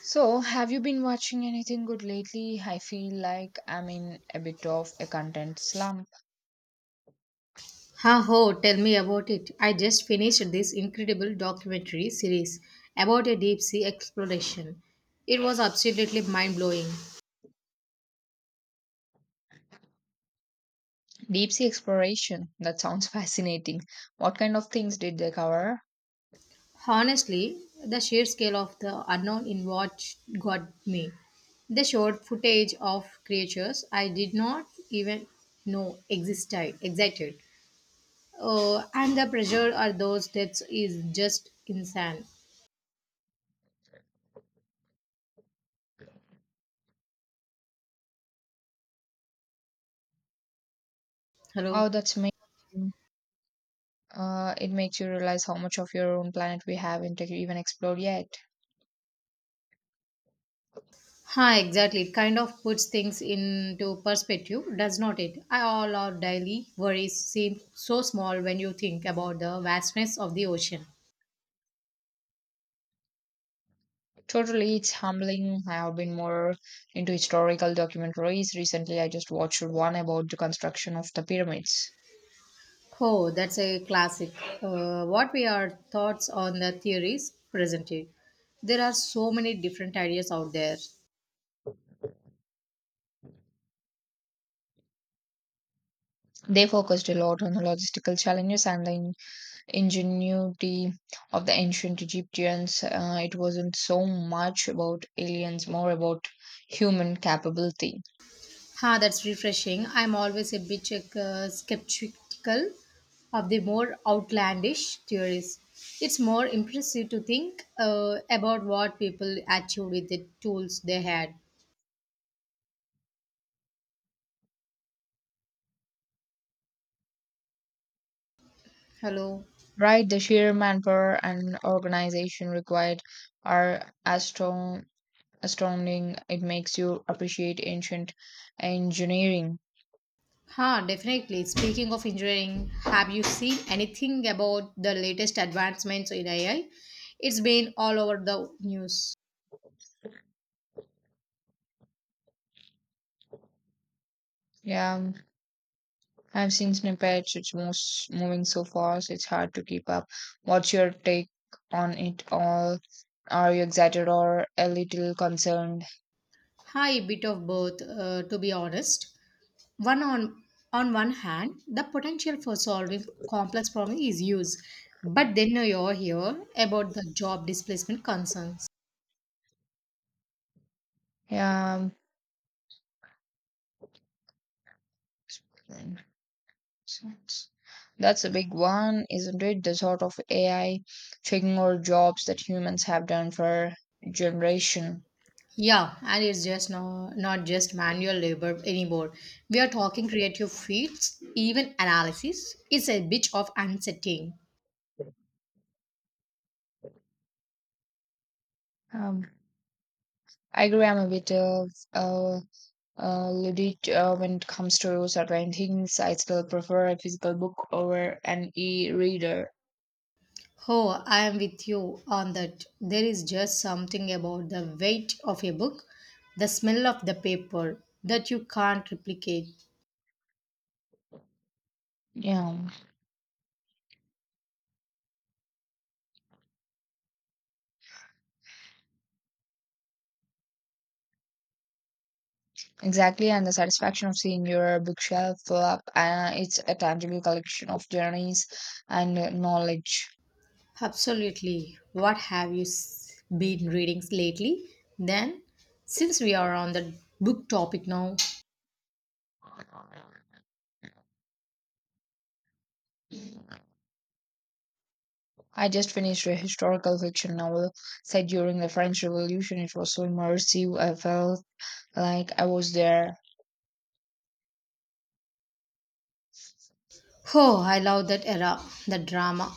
So, have you been watching anything good lately? I feel like I'm in a bit of a content slump. Ha ho, tell me about it. I just finished this incredible documentary series about a deep sea exploration. It was absolutely mind blowing. Deep sea exploration. That sounds fascinating. What kind of things did they cover? Honestly, the sheer scale of the unknown in what got me. They showed footage of creatures I did not even know existed. And the pressure of those deaths is just insane. Hello? Oh, that's amazing. It makes you realize how much of your own planet we haven't even explored yet. Huh, exactly. It kind of puts things into perspective, does not it? All our daily worries seem so small when you think about the vastness of the ocean. Totally, it's humbling. I have been more into historical documentaries. Recently, I just watched one about the construction of the pyramids. Oh, that's a classic. What were your thoughts on the theories presented? There are so many different ideas out there. They focused a lot on the logistical challenges and the ingenuity of the ancient Egyptians. It wasn't so much about aliens, more about human capability. Ha, that's refreshing. I'm always a bit skeptical of the more outlandish theories. It's more impressive to think about what people achieved with the tools they had. Hello. Right, the sheer manpower and organization required are astounding. It makes you appreciate ancient engineering. Huh, definitely. Speaking of engineering, have you seen anything about the latest advancements in AI? It's been all over the news. Yeah, I've seen snippets. It's most moving so fast. It's hard to keep up. What's your take on it all? Are you excited or a little concerned? Hi, bit of both, to be honest. One on one hand the potential for solving complex problems is used, but then you're here about the job displacement concerns. Yeah, that's a big one, isn't it? The sort of AI taking over jobs that humans have done for generation. Yeah, and it's just no, not just manual labor anymore. We are talking creative feats, even analysis. It's a bit of unsettling. Um, I agree. I'm a bit of uh, ludite when it comes to certain things. I still prefer a physical book over an e-reader. Oh, I am with you on that. There is just something about the weight of a book, the smell of the paper, that you can't replicate. Yeah, exactly. And the satisfaction of seeing your bookshelf fill up. It's a tangible collection of journeys and knowledge. Absolutely. What have been reading lately? Then, since we are on the book topic now, I just finished a historical fiction novel set during the French Revolution. It was so immersive, I felt like I was there. oh, I love that era, the drama,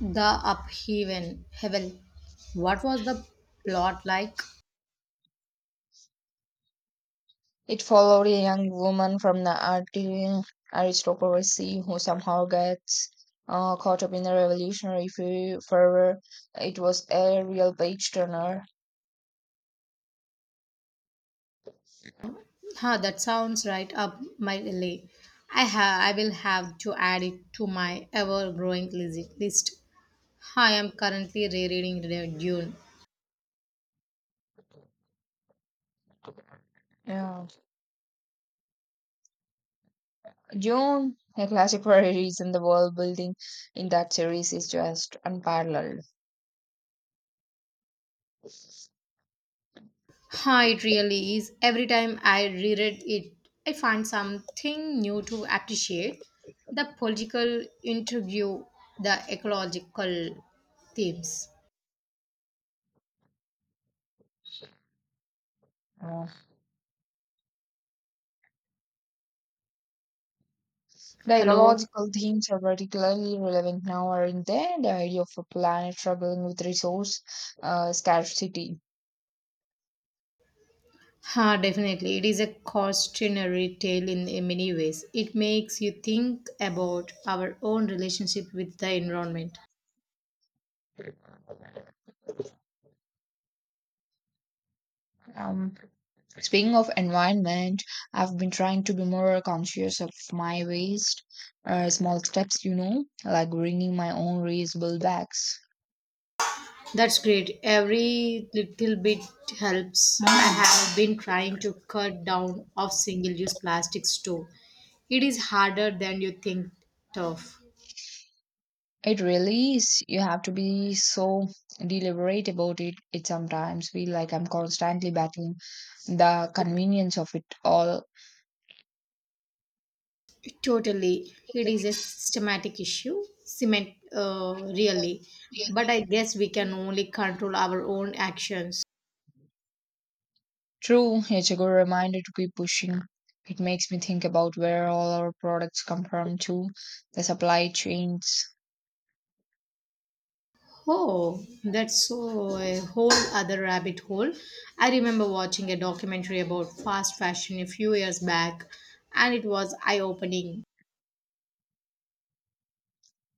the upheaval. Heaven. What was the plot like? It followed a young woman from the aristocracy who somehow gets caught up in the revolutionary fervor. It was a real page turner. Huh, that sounds right up my alley. I will have to add it to my ever-growing list. I am currently rereading Dune. Yeah. June, a classic for a reason, the world building in that series is just unparalleled. Huh, it really is. Every time I reread it, I find something new to appreciate. The political interview, the ecological themes. Uh, The Hello? ecological themes are particularly relevant now, aren't they? The idea of a planet struggling with resource scarcity. Huh, definitely. It is a cautionary tale in many ways. It makes you think about our own relationship with the environment. Um, Speaking of environment, I've been trying to be more conscious of my waste. Small steps, you know, like bringing my own reusable bags. That's great. Every little bit helps. I have been trying to cut down of single-use plastics too. It is harder than you think tough. It really is. You have to be so deliberate about it. It sometimes feel like I'm constantly battling the convenience of it all. Totally. It is a systematic issue. Cement, really. But I guess we can only control our own actions. True, it's a good reminder to keep pushing. It makes me think about where all our products come from too, the supply chains. Oh, that's so a whole other rabbit hole. I remember watching a documentary about fast fashion a few years back, and it was eye-opening.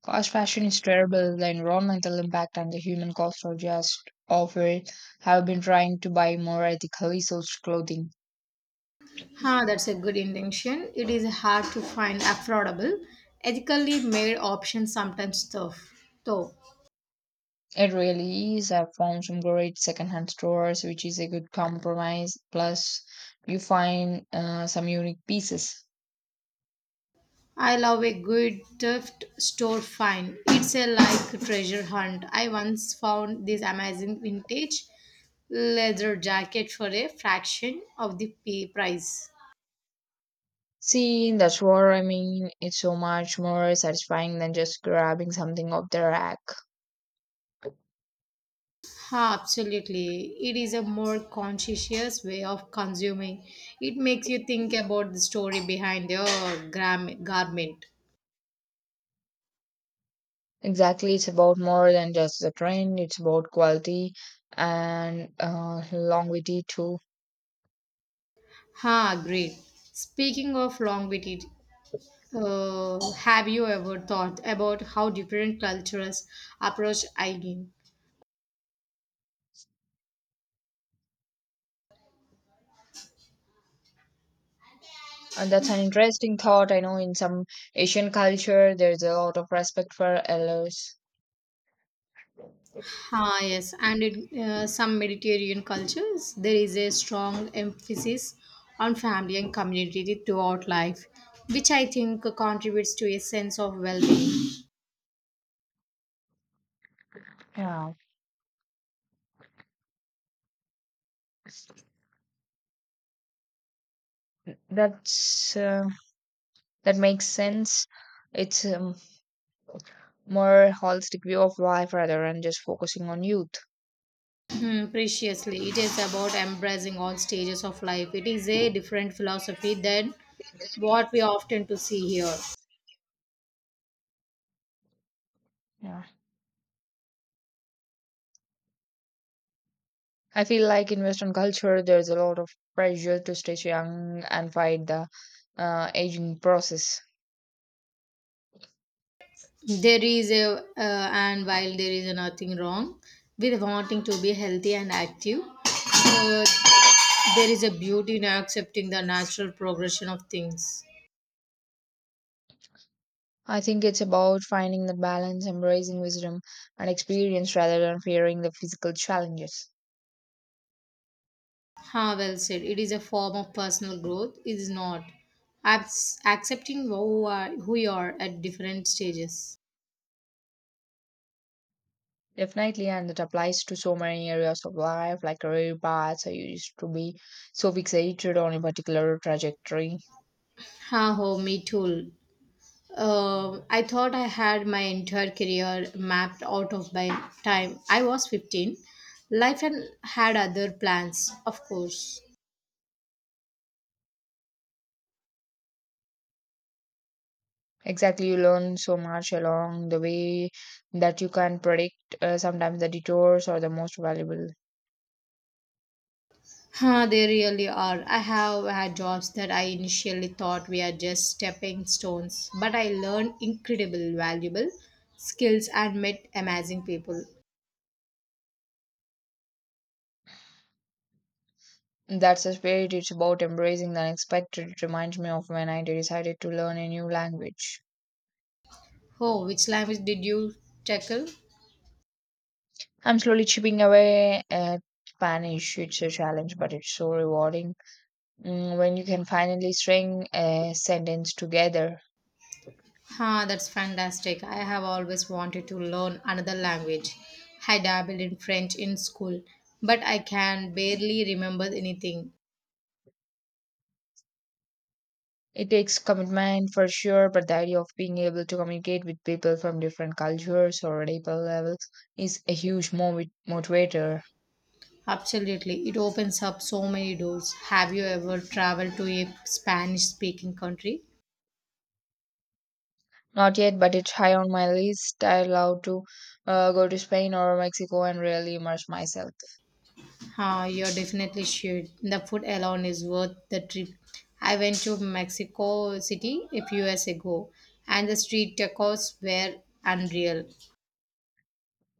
Fast fashion is terrible. The environmental impact and the human cost are just awful. I've been trying to buy more ethically sourced clothing. Huh, that's a good intention. It is hard to find affordable, ethically made options sometimes tough. Though It really is. I've found some great secondhand stores, which is a good compromise. Plus, you find some unique pieces. I love a good thrift store find. It's a like treasure hunt. I once found this amazing vintage leather jacket for a fraction of the price. See, that's what I mean. It's so much more satisfying than just grabbing something off the rack. Huh, absolutely. It is a more conscientious way of consuming. It makes you think about the story behind your garment. Exactly, it's about more than just the trend, it's about quality and longevity too. Ha, great. Speaking of longevity, have you ever thought about how different cultures approach aging? And that's an interesting thought. I know in some Asian culture, there's a lot of respect for elders. Ah, yes, and in some Mediterranean cultures, there is a strong emphasis on family and community throughout life, which I think contributes to a sense of well-being. Yeah, that's uh, that makes sense. It's more holistic view of life rather than just focusing on youth. Hmm, preciously, it is about embracing all stages of life. It is a different philosophy than what we often to see here. Yeah. I feel like in Western culture, there's a lot of pressure to stay young and fight the aging process. There is a and while there is nothing wrong with wanting to be healthy and active, uh, there is a beauty in accepting the natural progression of things. I think it's about finding the balance, embracing wisdom and experience rather than fearing the physical challenges. Ha, well said. It is a form of personal growth. It is not accepting who, are, who you are at different stages. Definitely, and it applies to so many areas of life, like career paths. I used to be so fixated on a particular trajectory. Ha ho, me too. I thought I had my entire career mapped out of by time I was 15. Life and had other plans, of course. Exactly, you learn so much along the way that you can predict sometimes the detours are the most valuable. Huh, they really are. I have had jobs that I initially thought were just stepping stones, but I learned incredible valuable skills and met amazing people. That's the spirit. It's about embracing the unexpected. It reminds me of when I decided to learn a new language. Oh, which language did you tackle? I'm slowly chipping away at Spanish. It's a challenge, but it's so rewarding when you can finally string a sentence together. Ah, that's fantastic. I have always wanted to learn another language. I dabbled in French in school, but I can barely remember anything. It takes commitment for sure, but the idea of being able to communicate with people from different cultures or deeper levels is a huge motivator. Absolutely, it opens up so many doors. Have you ever traveled to a Spanish speaking country? Not yet, but it's high on my list. I love to go to Spain or Mexico and really immerse myself. Ah, you're definitely should. The food alone is worth the trip. I went to Mexico City a few years ago, and the street tacos were unreal.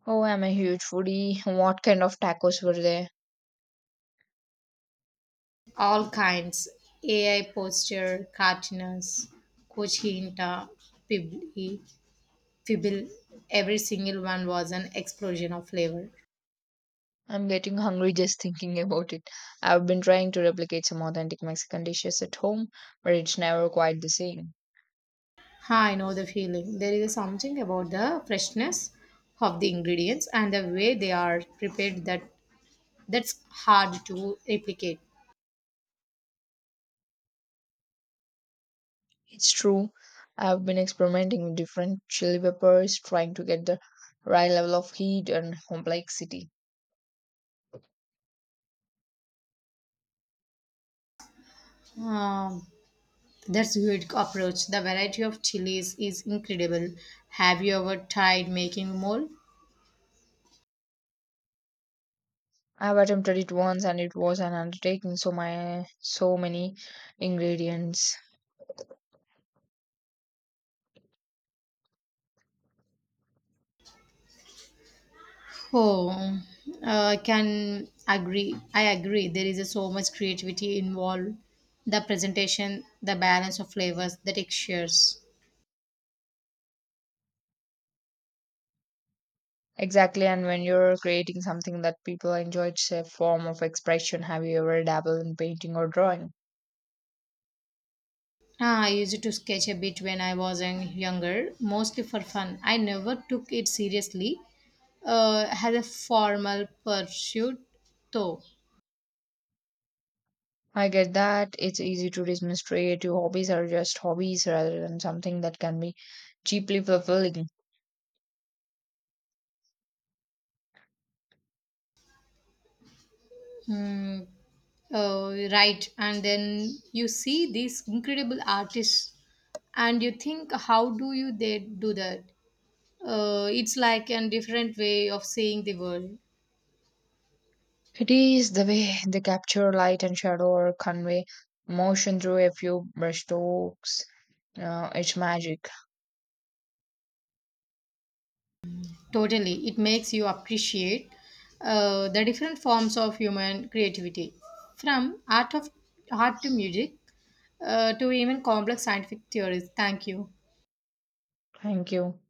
Oh, I'm a huge foodie. What kind of tacos were there? All kinds. AI posture, cartoons, Cochinta, Pibli, Fibble, every single one was an explosion of flavor. I'm getting hungry just thinking about it. I've been trying to replicate some authentic Mexican dishes at home, but it's never quite the same. Ha, I know the feeling. There is something about the freshness of the ingredients and the way they are prepared that's hard to replicate. It's true. I've been experimenting with different chili peppers, trying to get the right level of heat and complexity. Um, that's good approach. The variety of chilies is incredible. Have you ever tried making mole? I've attempted it once and it was an undertaking, so many ingredients. Oh, I can agree. I agree. There is so much creativity involved. The presentation, the balance of flavors, the textures. Exactly, and when you're creating something that people enjoy, it's a form of expression. Have you ever dabbled in painting or drawing? Ah, I used to sketch a bit when I was younger, mostly for fun. I never took it seriously as a formal pursuit, though. I get that it's easy to dismiss creative hobbies are just hobbies rather than something that can be cheaply fulfilling. Mm, right, and then you see these incredible artists, and you think, how do you they do that? It's like a different way of seeing the world. It is the way they capture light and shadow or convey emotion through a few brushstrokes. It's magic. Totally, it makes you appreciate the different forms of human creativity, from art to music, to even complex scientific theories. Thank you. Thank you.